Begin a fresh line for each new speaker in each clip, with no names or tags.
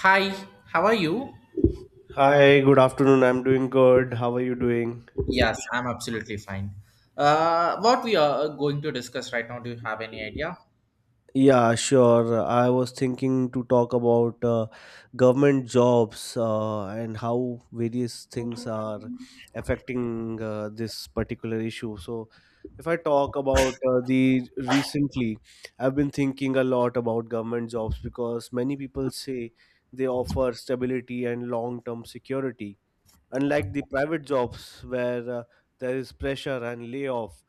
Hi, how are you?
Hi, good afternoon. I'm doing good. How are you doing?
Yes, I'm absolutely fine. What we are going to discuss right now, do you have any idea?
Yeah, sure. I was thinking to talk about government jobs and how various things are affecting this particular issue. So, if I talk about the recently, I've been thinking a lot about government jobs because many people say they offer stability and long term security. Unlike the private jobs where there is pressure and layoff.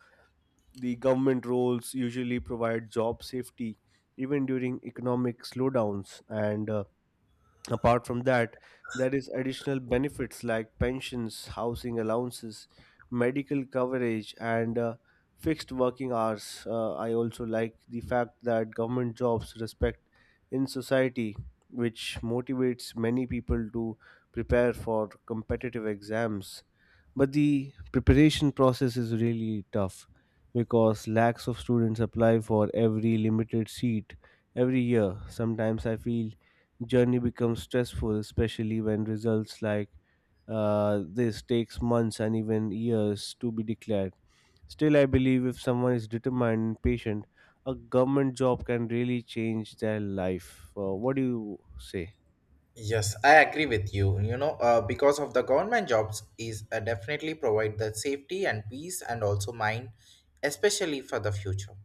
The government roles usually provide job safety even during economic slowdowns. And apart from that, there is additional benefits like pensions, housing allowances, medical coverage, and fixed working hours. I also like the fact that government jobs respect in society, which motivates many people to prepare for competitive exams, but the preparation process is really tough because lakhs of students apply for every limited seat every year. Sometimes I feel journey becomes stressful, especially when results like this takes months and even years to be declared. Still I believe if someone is determined and patient, a government job can really change their life. What do you say?
Yes, I agree with you. Because of the government jobs is definitely provide the safety and peace and also mind, especially for the future.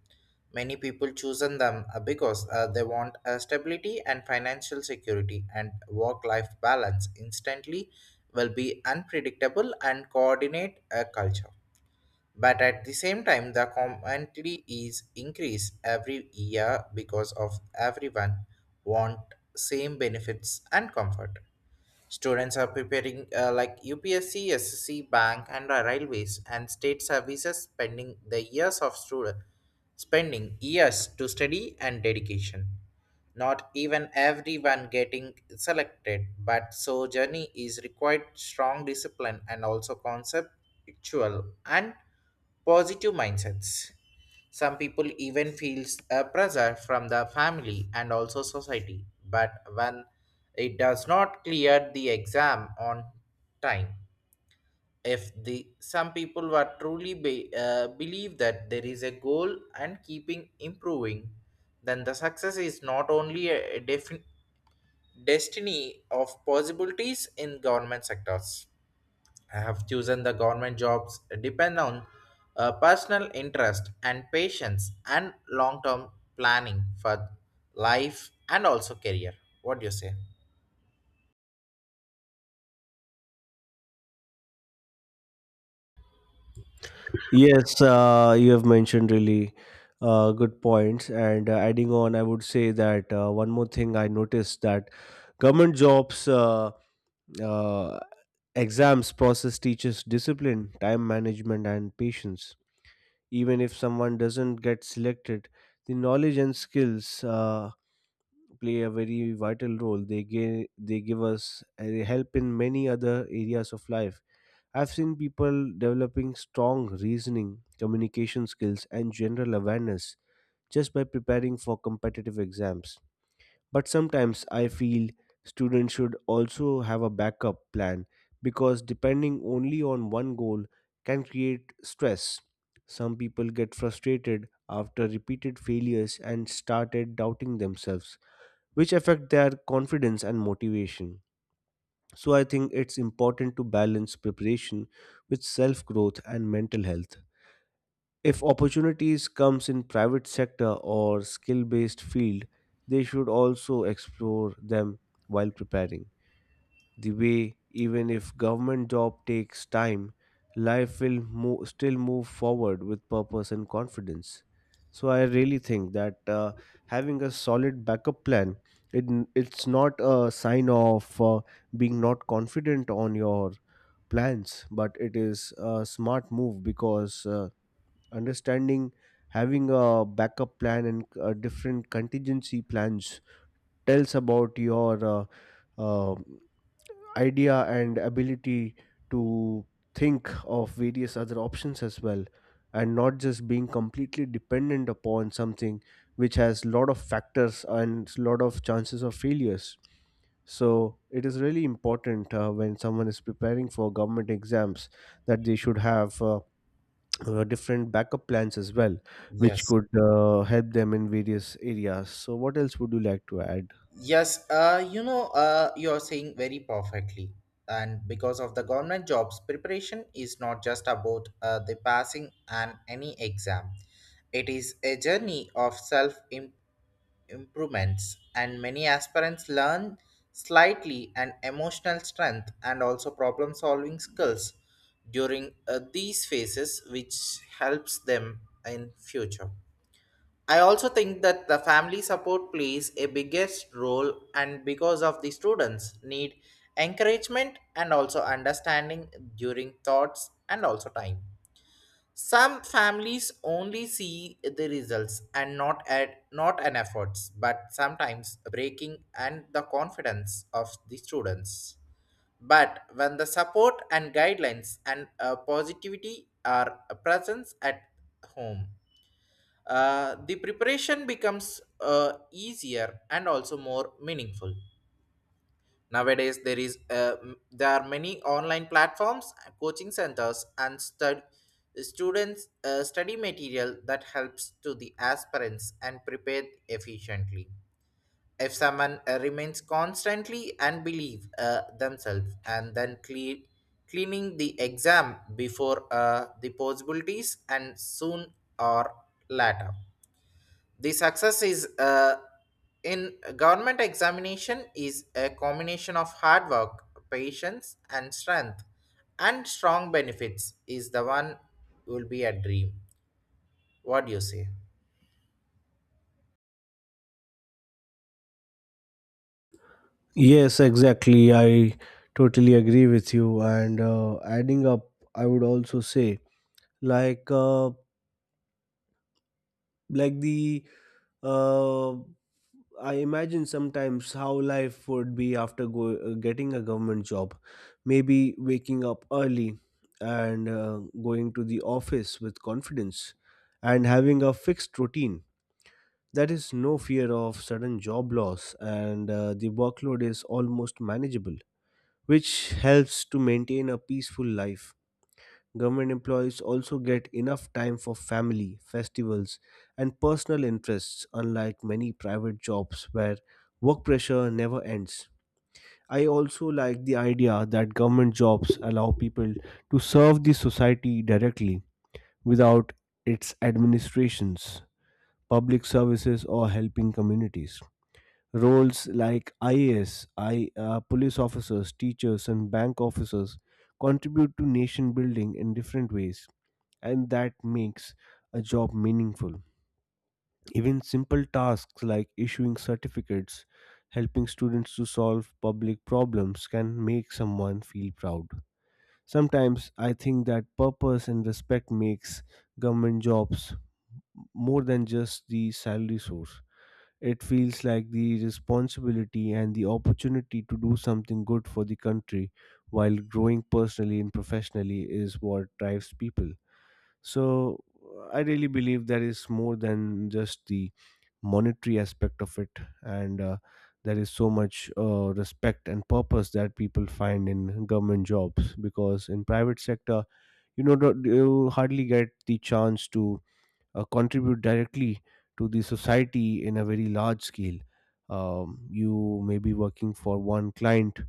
Many people chosen them because they want stability and financial security and work-life balance. Instantly, will be unpredictable and coordinate a culture. But at the same time, the commentary is increased every year because of everyone want same benefits and comfort. Students are preparing like UPSC, SSC, bank, and railways and state services, spending the years of student spending years to study and dedication. Not even everyone getting selected, but so journey is required strong discipline and also conceptual and positive mindsets. Some people even feels a pressure from the family and also society, but when it does not clear the exam on time, if the some people were truly be, believe that there is a goal and keeping improving, then the success is not only destiny of possibilities in government sectors. I have chosen the government jobs depend on personal interest and patience and long-term planning for life and also career. What do you say?
Yes, you have mentioned really good points. And adding on, I would say that one more thing I noticed that government jobs uh, exams process teaches discipline, time management, and patience. Even if someone doesn't get selected, the knowledge and skills play a very vital role. They give us help in many other areas of life. I've seen people developing strong reasoning, communication skills, and general awareness just by preparing for competitive exams. But sometimes I feel students should also have a backup plan because depending only on one goal can create stress. Some people get frustrated after repeated failures and started doubting themselves, which affect their confidence and motivation. So I think it's important to balance preparation with self-growth and mental health. If opportunities comes in private sector or skill-based field, they should also explore them while preparing the way. Even if government job takes time, life will still move forward with purpose and confidence. So I really think that having a solid backup plan, it's not a sign of being not confident on your plans, but it is a smart move because understanding, having a backup plan and different contingency plans, tells about your uh, idea and ability to think of various other options as well, and not just being completely dependent upon something which has lot of factors and lot of chances of failures. So it is really important when someone is preparing for government exams that they should have different backup plans as well, which
Yes.
could help them in various areas. So what else would you like to add?
Yes, you're saying very perfectly. And because of the government jobs, preparation is not just about the passing and any exam. It is a journey of self improvements, and many aspirants learn slightly and emotional strength and also problem solving skills during these phases which helps them in future. I also think that the family support plays a biggest role, and because of the students need encouragement and also understanding during thoughts and also time. Some families only see the results and not an efforts, but sometimes breaking and the confidence of the students. But when the support and guidelines and positivity are present at home, the preparation becomes easier and also more meaningful. Nowadays, there are many online platforms, coaching centers, and students study material that helps to the aspirants and prepare efficiently. If someone remains constantly and believe themselves, and then cleaning the exam before the possibilities and soon or later, the success is in government examination is a combination of hard work, patience and strength, and strong benefits is the one will be a dream. What do you say?
Yes, exactly. I totally agree with you. And adding up, I would also say, like, uh, like uh, I imagine sometimes how life would be after getting a government job. Maybe waking up early and going to the office with confidence and having a fixed routine. That is no fear of sudden job loss, and the workload is almost manageable, which helps to maintain a peaceful life. Government employees also get enough time for family, festivals, and personal interests, unlike many private jobs where work pressure never ends. I also like the idea that government jobs allow people to serve the society directly without its administrations, public services, or helping communities. Roles like IAS, police officers, teachers, and bank officers contribute to nation building in different ways, and that makes a job meaningful. Even simple tasks like issuing certificates, helping students to solve public problems, can make someone feel proud. Sometimes I think that purpose and respect makes government jobs more than just the salary source. It feels like the responsibility and the opportunity to do something good for the country while growing personally and professionally is what drives people. So, I really believe there is more than just the monetary aspect of it, and there is so much respect and purpose that people find in government jobs, because in private sector you know you hardly get the chance to contribute directly to the society in a very large scale. You may be working for one client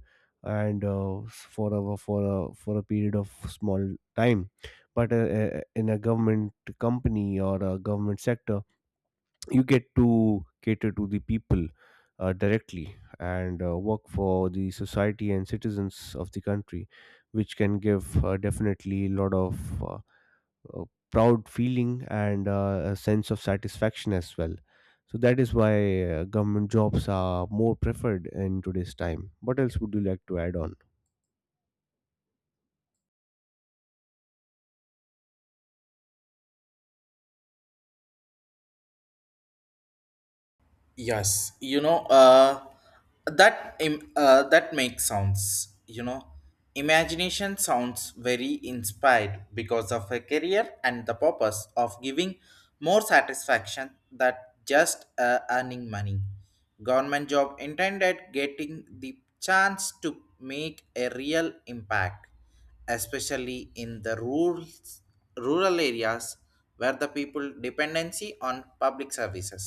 and for a period of small time, but in a government company or a government sector, you get to cater to the people directly and work for the society and citizens of the country, which can give definitely a lot of uh, proud feeling and a sense of satisfaction as well. So that is why government jobs are more preferred in today's time. What else would you like to add on?
Yes, you know, that makes sounds. You know, imagination sounds very inspired because of a career and the purpose of giving more satisfaction than just earning money. Government job intended getting the chance to make a real impact, especially in rural areas where the people dependency on public services,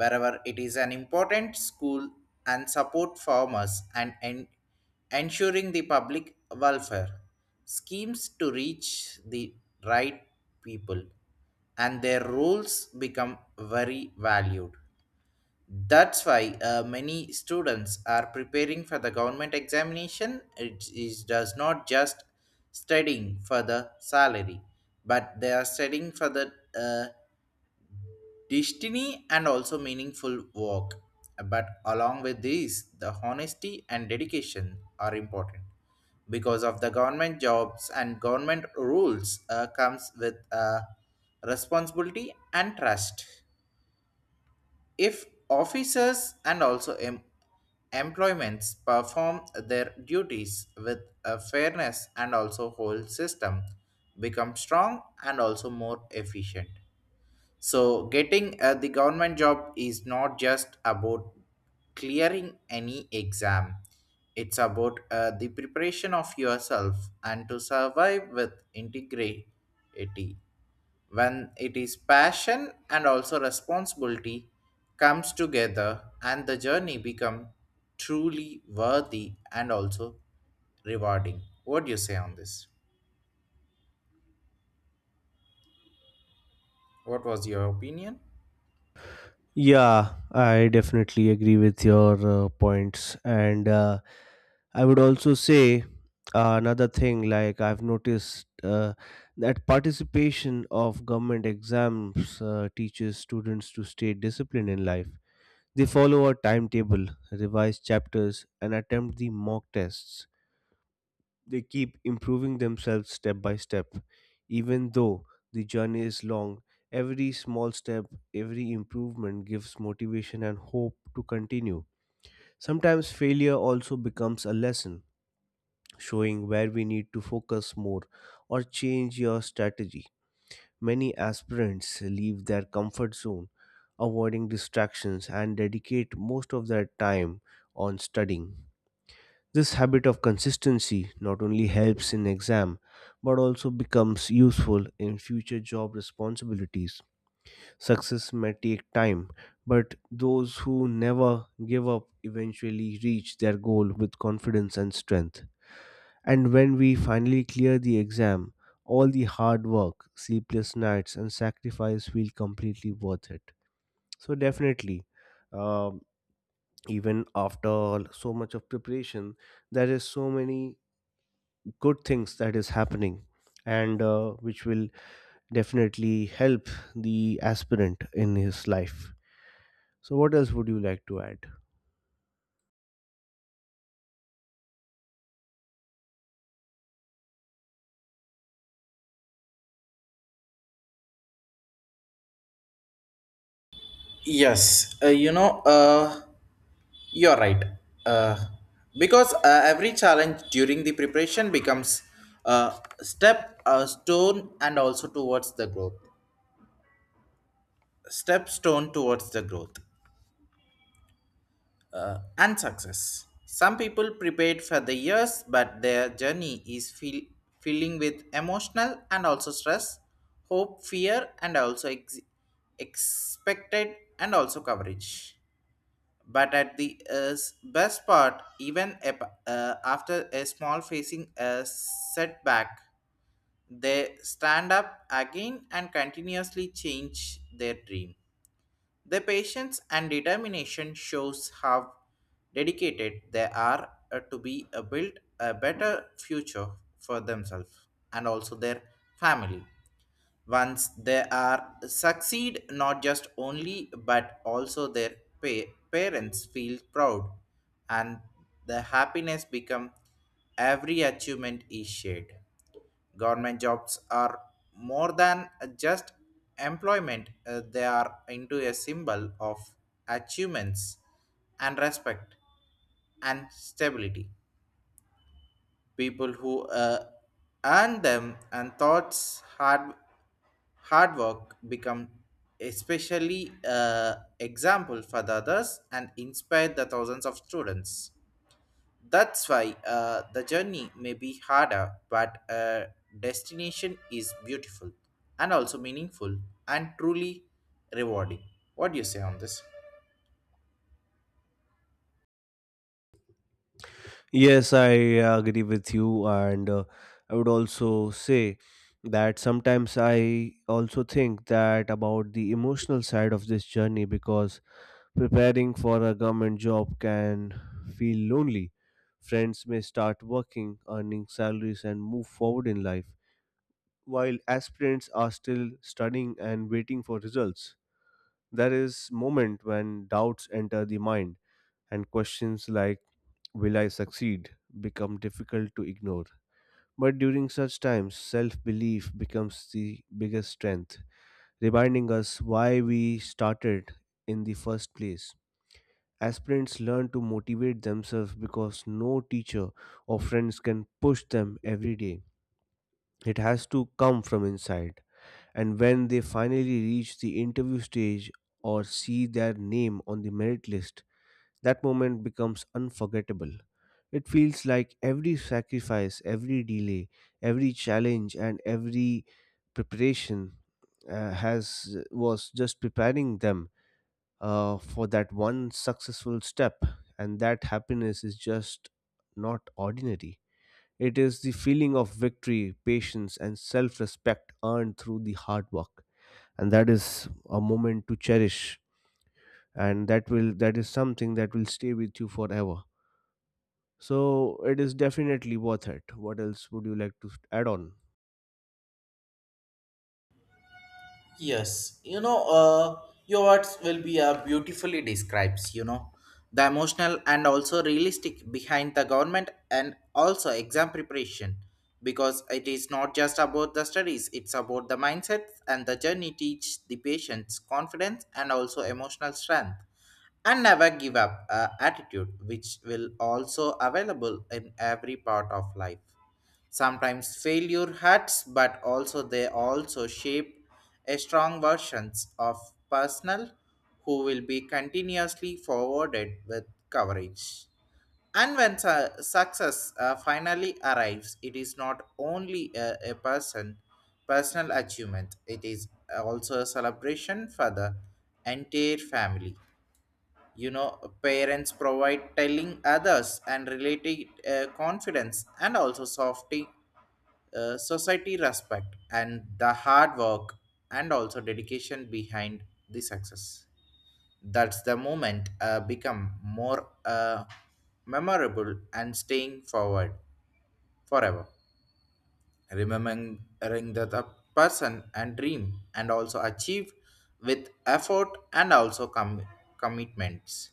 wherever it is an important school and support farmers, ensuring the public welfare schemes to reach the right people, and their roles become very valued. That's why many students are preparing for the government examination. It is does not just studying for the salary, but they are studying for the uh, destiny and also meaningful work. But along with this, the honesty and dedication are important because of the government jobs and government rules comes with responsibility and trust. If officers and also employments perform their duties with a fairness, and also whole system become strong and also more efficient. So getting the government job is not just about clearing any exam. It's about the preparation of yourself and to survive with integrity when it is passion and also responsibility comes together, and the journey become truly worthy and also rewarding. What do you say on this? What was your opinion?
Yeah, I definitely agree with your points, and I would also say another thing. Like I've noticed that participation of government exams teaches students to stay disciplined in life. They follow a timetable, revise chapters, and attempt the mock tests. They keep improving themselves step by step. Even though the journey is long, every small step, every improvement gives motivation and hope to continue. Sometimes failure also becomes a lesson, showing where we need to focus more or change your strategy. Many aspirants leave their comfort zone, avoiding distractions, and dedicate most of their time on studying. This habit of consistency not only helps in exam but also becomes useful in future job responsibilities. Success may take time, but those who never give up eventually reach their goal with confidence and strength. And when we finally clear the exam, all the hard work, sleepless nights, and sacrifice feel completely worth it. So, definitely, um, even after all so much of preparation, there is so many good things that is happening and which will definitely help the aspirant in his life. So, what else would you like to add?
yes uh, you know uh, you're right, uh, because every challenge during the preparation becomes a a stone and also towards the growth, step stone towards the growth and success. Some people prepared for the years, but their journey is filling with emotional and also stress, hope, fear, and also expected and also coverage. But at the best part, even after a small facing a setback, they stand up again and continuously change their dream. Their patience and determination shows how dedicated they are to be build a better future for themselves and also their family. Once they are succeed, not just only but also their parents feel proud, and the happiness become every achievement is shared. Government jobs are more than just employment, they are into a symbol of achievements and respect and stability. People who earn them and thoughts hard work become especially example for the others and inspire the thousands of students. That's why the journey may be harder, but destination is beautiful and also meaningful and truly rewarding. What do you say on this?
Yes, I agree with you, and I would also say that sometimes I also think that about the emotional side of this journey because preparing for a government job can feel lonely. Friends may start working, earning salaries, and move forward in life, while aspirants are still studying and waiting for results. There is moment when doubts enter the mind and questions like will I succeed become difficult to ignore. But during such times, self belief becomes the biggest strength, reminding us why we started in the first place. Aspirants learn to motivate themselves because no teacher or friends can push them every day. It has to come from inside. And when they finally reach the interview stage or see their name on the merit list, that moment becomes unforgettable. It feels like every sacrifice, every delay, every challenge, and every preparation has was just preparing them for that one successful step. And that happiness is just not ordinary. It is the feeling of victory, patience, and self respect earned through the hard work. And that is a moment to cherish. And that is something that will stay with you forever. So it is definitely worth it. What else would you like to add on?
Yes, you know, your words will be beautifully describes, you know, the emotional and also realistic behind the government and also exam preparation, because it is not just about the studies, it's about the mindset and the journey teach the patients confidence and also emotional strength and never give up attitude which will also available in every part of life. Sometimes failure hurts, but also they also shape a strong versions of personnel who will be continuously forwarded with coverage. And when success finally arrives, it is not only a personal achievement; it is also a celebration for the entire family. You know, parents provide telling others and related confidence and also softening, society respect and the hard work and also dedication behind the success. That's the moment become more memorable and staying forward forever, remembering that the person and dream and also achieve with effort and also commitments.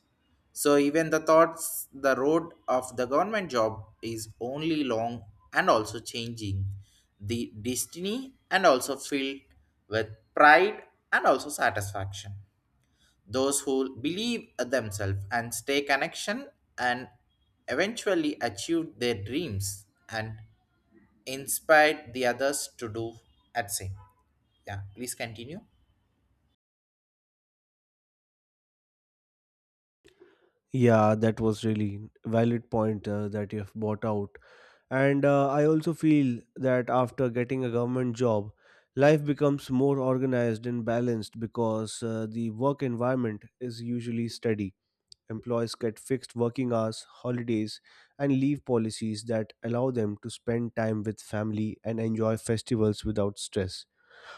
So even the thoughts the road of the government job is only long and also changing the destiny and also filled with pride and also satisfaction, those who believe themselves and stay connection and eventually achieve their dreams and inspired the others to do at same. Yeah, please continue.
Yeah, that was really valid point that you have brought out. And I also feel that after getting a government job, life becomes more organized and balanced because the work environment is usually steady. Employees get fixed working hours, holidays, and leave policies that allow them to spend time with family and enjoy festivals without stress.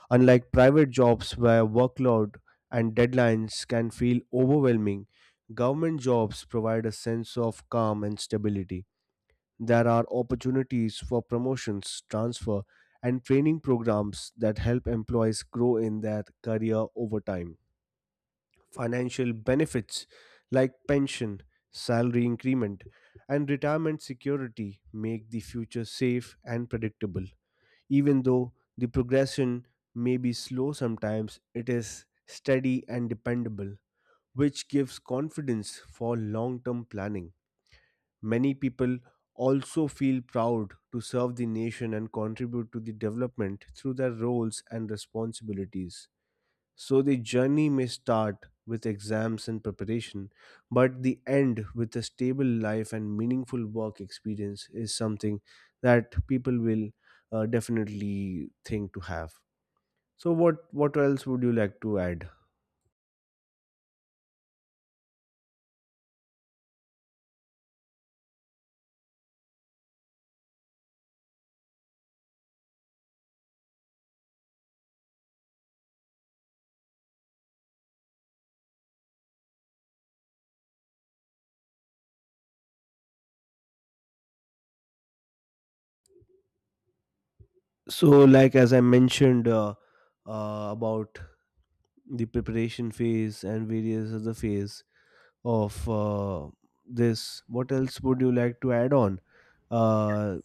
Unlike private jobs where workload and deadlines can feel overwhelming, government jobs provide a sense of calm and stability. There are opportunities for promotions, transfer, and training programs that help employees grow in their career over time. Financial benefits like pension, salary increment, and retirement security make the future safe and predictable. Even though the progression may be slow sometimes, it is steady and dependable, which gives confidence for long term planning. Many people also feel proud to serve the nation and contribute to the development through their roles and responsibilities. So the journey may start with exams and preparation, but the end with a stable life and meaningful work experience is something that people will definitely think to have. So what else would you like to add? So like as I mentioned about the preparation phase and various other phase of this, what else would you like to add on? Uh,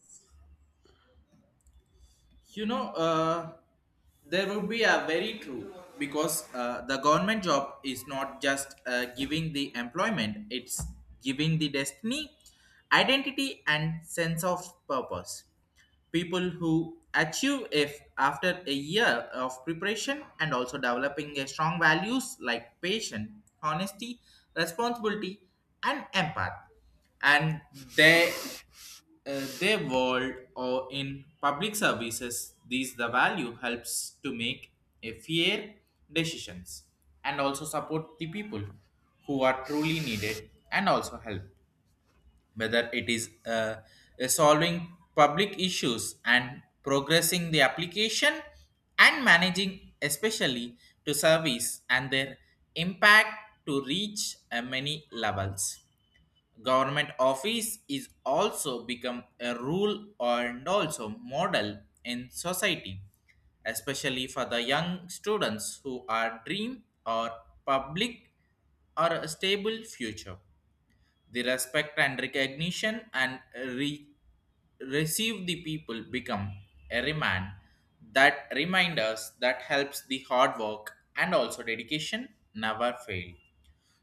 You know, there would be a very true, because the government job is not just giving the employment, it's giving the destiny, identity and sense of purpose. People who achieve if after a year of preparation and also developing a strong values like patience, honesty, responsibility and empath, and they their world or in public services, these the value helps to make a fair decisions and also support the people who are truly needed and also help, whether it is solving public issues and progressing the application and managing especially to service and their impact to reach many levels. Government office is also become a rule and also model in society, especially for the young students who are dream or public or a stable future. The respect and recognition and receive the people become a remand, that remind us that helps the hard work and also dedication never fail.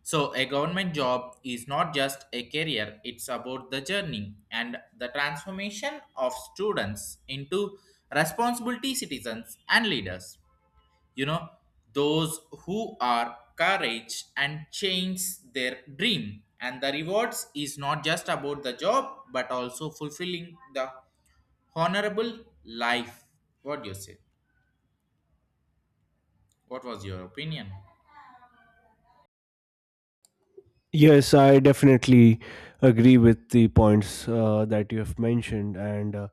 So a government job is not just a career, it's about the journey and the transformation of students into responsibility citizens and leaders. You know, those who are courage and change their dream, and the rewards is not just about the job but also fulfilling the honorable life. What do you say? What was your opinion?
Yes, I definitely agree with the points that you have mentioned. And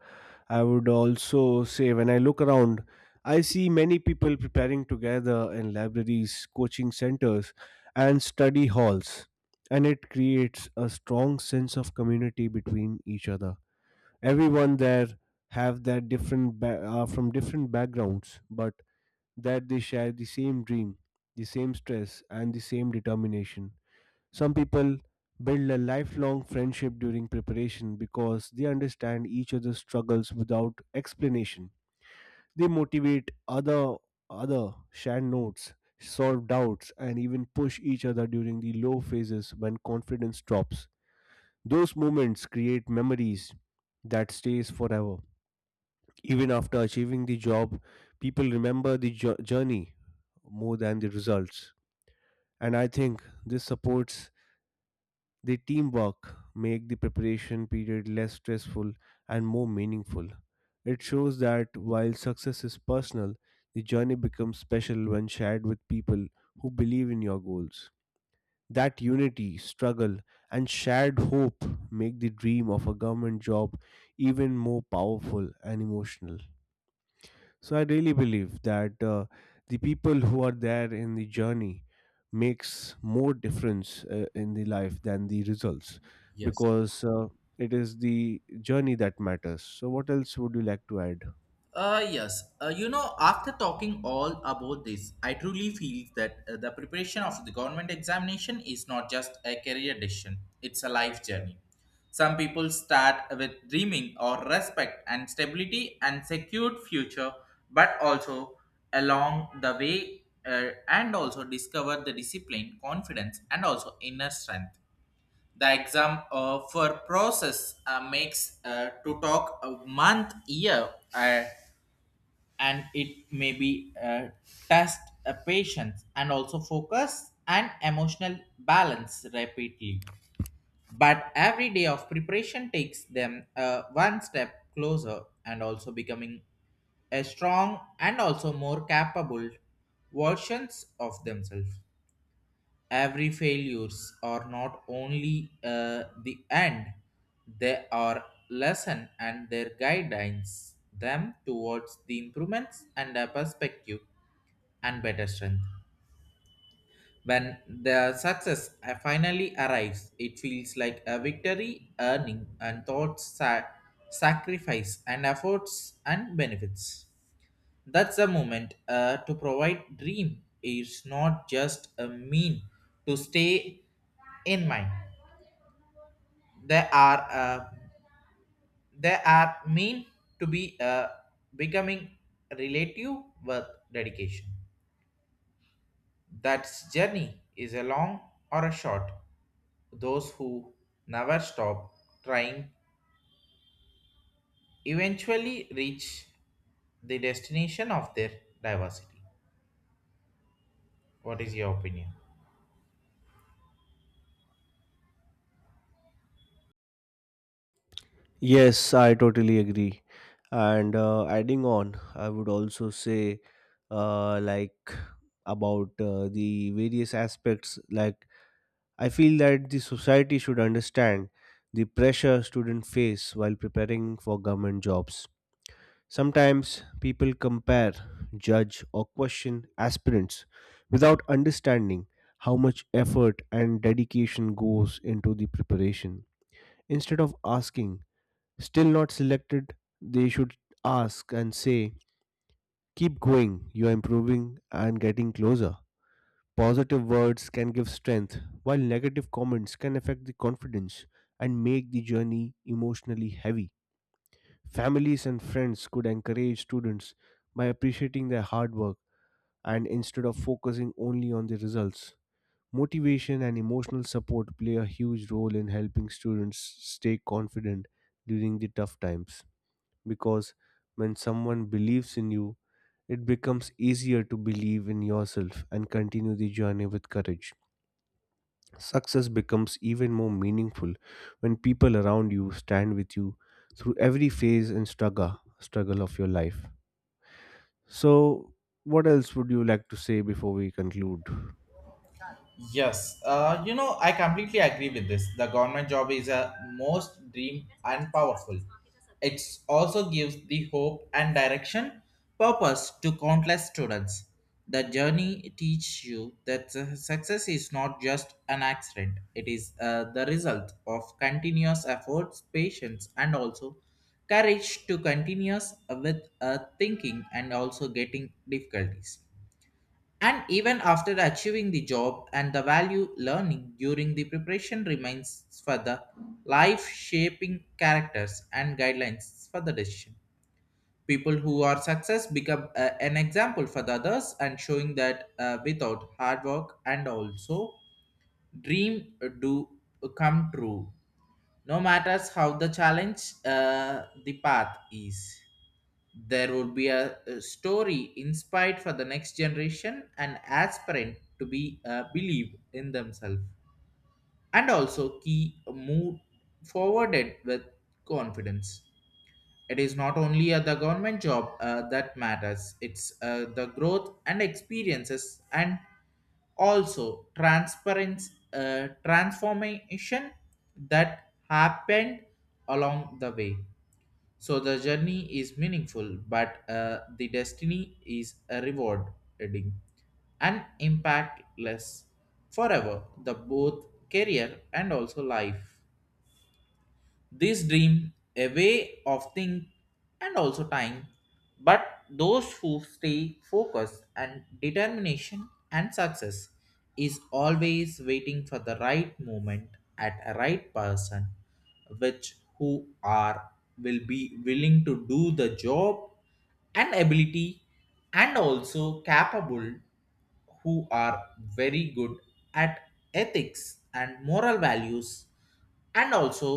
I would also say, when I look around, I see many people preparing together in libraries, coaching centers, and study halls. And it creates a strong sense of community between each other. Everyone there have their different from different backgrounds, but that they share the same dream, the same stress, and the same determination. Some people build a lifelong friendship during preparation because they understand each other's struggles without explanation. They motivate other, share notes, solve doubts and even push each other during the low phases when confidence drops. Those moments create memories that stays forever. Even after achieving the job, people remember the journey more than the results. And I think this supports. The teamwork make the preparation period less stressful and more meaningful. It shows that while success is personal, the journey becomes special when shared with people who believe in your goals. That unity, struggle, and shared hope make the dream of a government job even more powerful and emotional. So I really believe that the people who are there in the journey makes more difference in the life than the results,
Yes.
because it is the journey that matters. So what else would you like to add?
Yes. You know, after talking all about this, I truly feel that the preparation of the government examination is not just a career decision, it's a life journey. Some people start with dreaming or respect and stability and secured future, but also along the way, and also discover the discipline, confidence, and also inner strength. The exam for process makes to talk a month, year. And it may be test a patience and also focus and emotional balance rapidly, but every day of preparation takes them one step closer and also becoming a strong and also more capable versions of themselves. Every failures are not only the end, they are lesson and their guidance them towards the improvements and a perspective and better strength. When the success finally arrives, it feels like a victory earning and thoughts sacrifice and efforts and benefits. That's a moment to provide dream is not just a mean to stay in mind. They are they are mean to be becoming relative with dedication. That journey is a long or a short, those who never stop trying eventually reach the destination of their diversity. What is your opinion?
Yes, I totally agree. And adding on, I would also say uh, like about the various aspects like I feel that the society should understand the pressure students face while preparing for government jobs. Sometimes people compare, judge, or question aspirants without understanding how much effort and dedication goes into the preparation. Instead of asking, still not selected, they should ask and say, keep going, you are improving and getting closer. Positive words can give strength, while negative comments can affect the confidence and make the journey emotionally heavy. Families and friends could encourage students by appreciating their hard work and instead of focusing only on the results. Motivation and emotional support play a huge role in helping students stay confident during the tough times, because when someone believes in you, it becomes easier to believe in yourself and continue the journey with courage. Success becomes even more meaningful when people around you stand with you through every phase and struggle of your life. So, what else would you like to say before we conclude?
Yes, you know, I completely agree with this. The government job is a most dream and powerful. It also gives the hope and direction, purpose to countless students. The journey teaches you that success is not just an accident; it is the result of continuous efforts, patience, and also courage to continuous with thinking and also getting difficulties. And even after achieving the job and the value learning during the preparation remains for the life shaping characters and guidelines for the decision. People who are success become an example for the others, and showing that without hard work and also dream do come true, no matters how the challenge the path is. There would be a story inspired for the next generation and aspirant to be believe in themselves and also key move forwarded with confidence. It is not only the government job that matters, it's the growth and experiences and also transparency, transformation that happened along the way. So the journey is meaningful, but the destiny is a rewarding and impactless forever. The both career and also life. This dream a way of think and also time, but those who stay focused and determination and success is always waiting for the right moment at a right person, which who are will be willing to do the job and ability and also capable who are very good at ethics and moral values, and also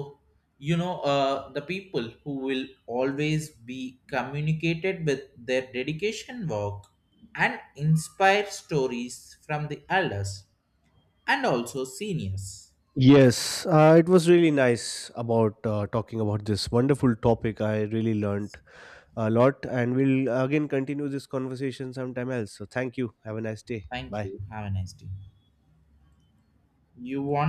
you know, the people who will always be communicated with their dedication work and inspire stories from the elders and also seniors.
Yes, it was really nice about talking about this wonderful topic. I really learned a lot, and we'll again continue this conversation sometime else. So, thank you. Have a nice day.
Thank
Bye.
you, have a nice day. You want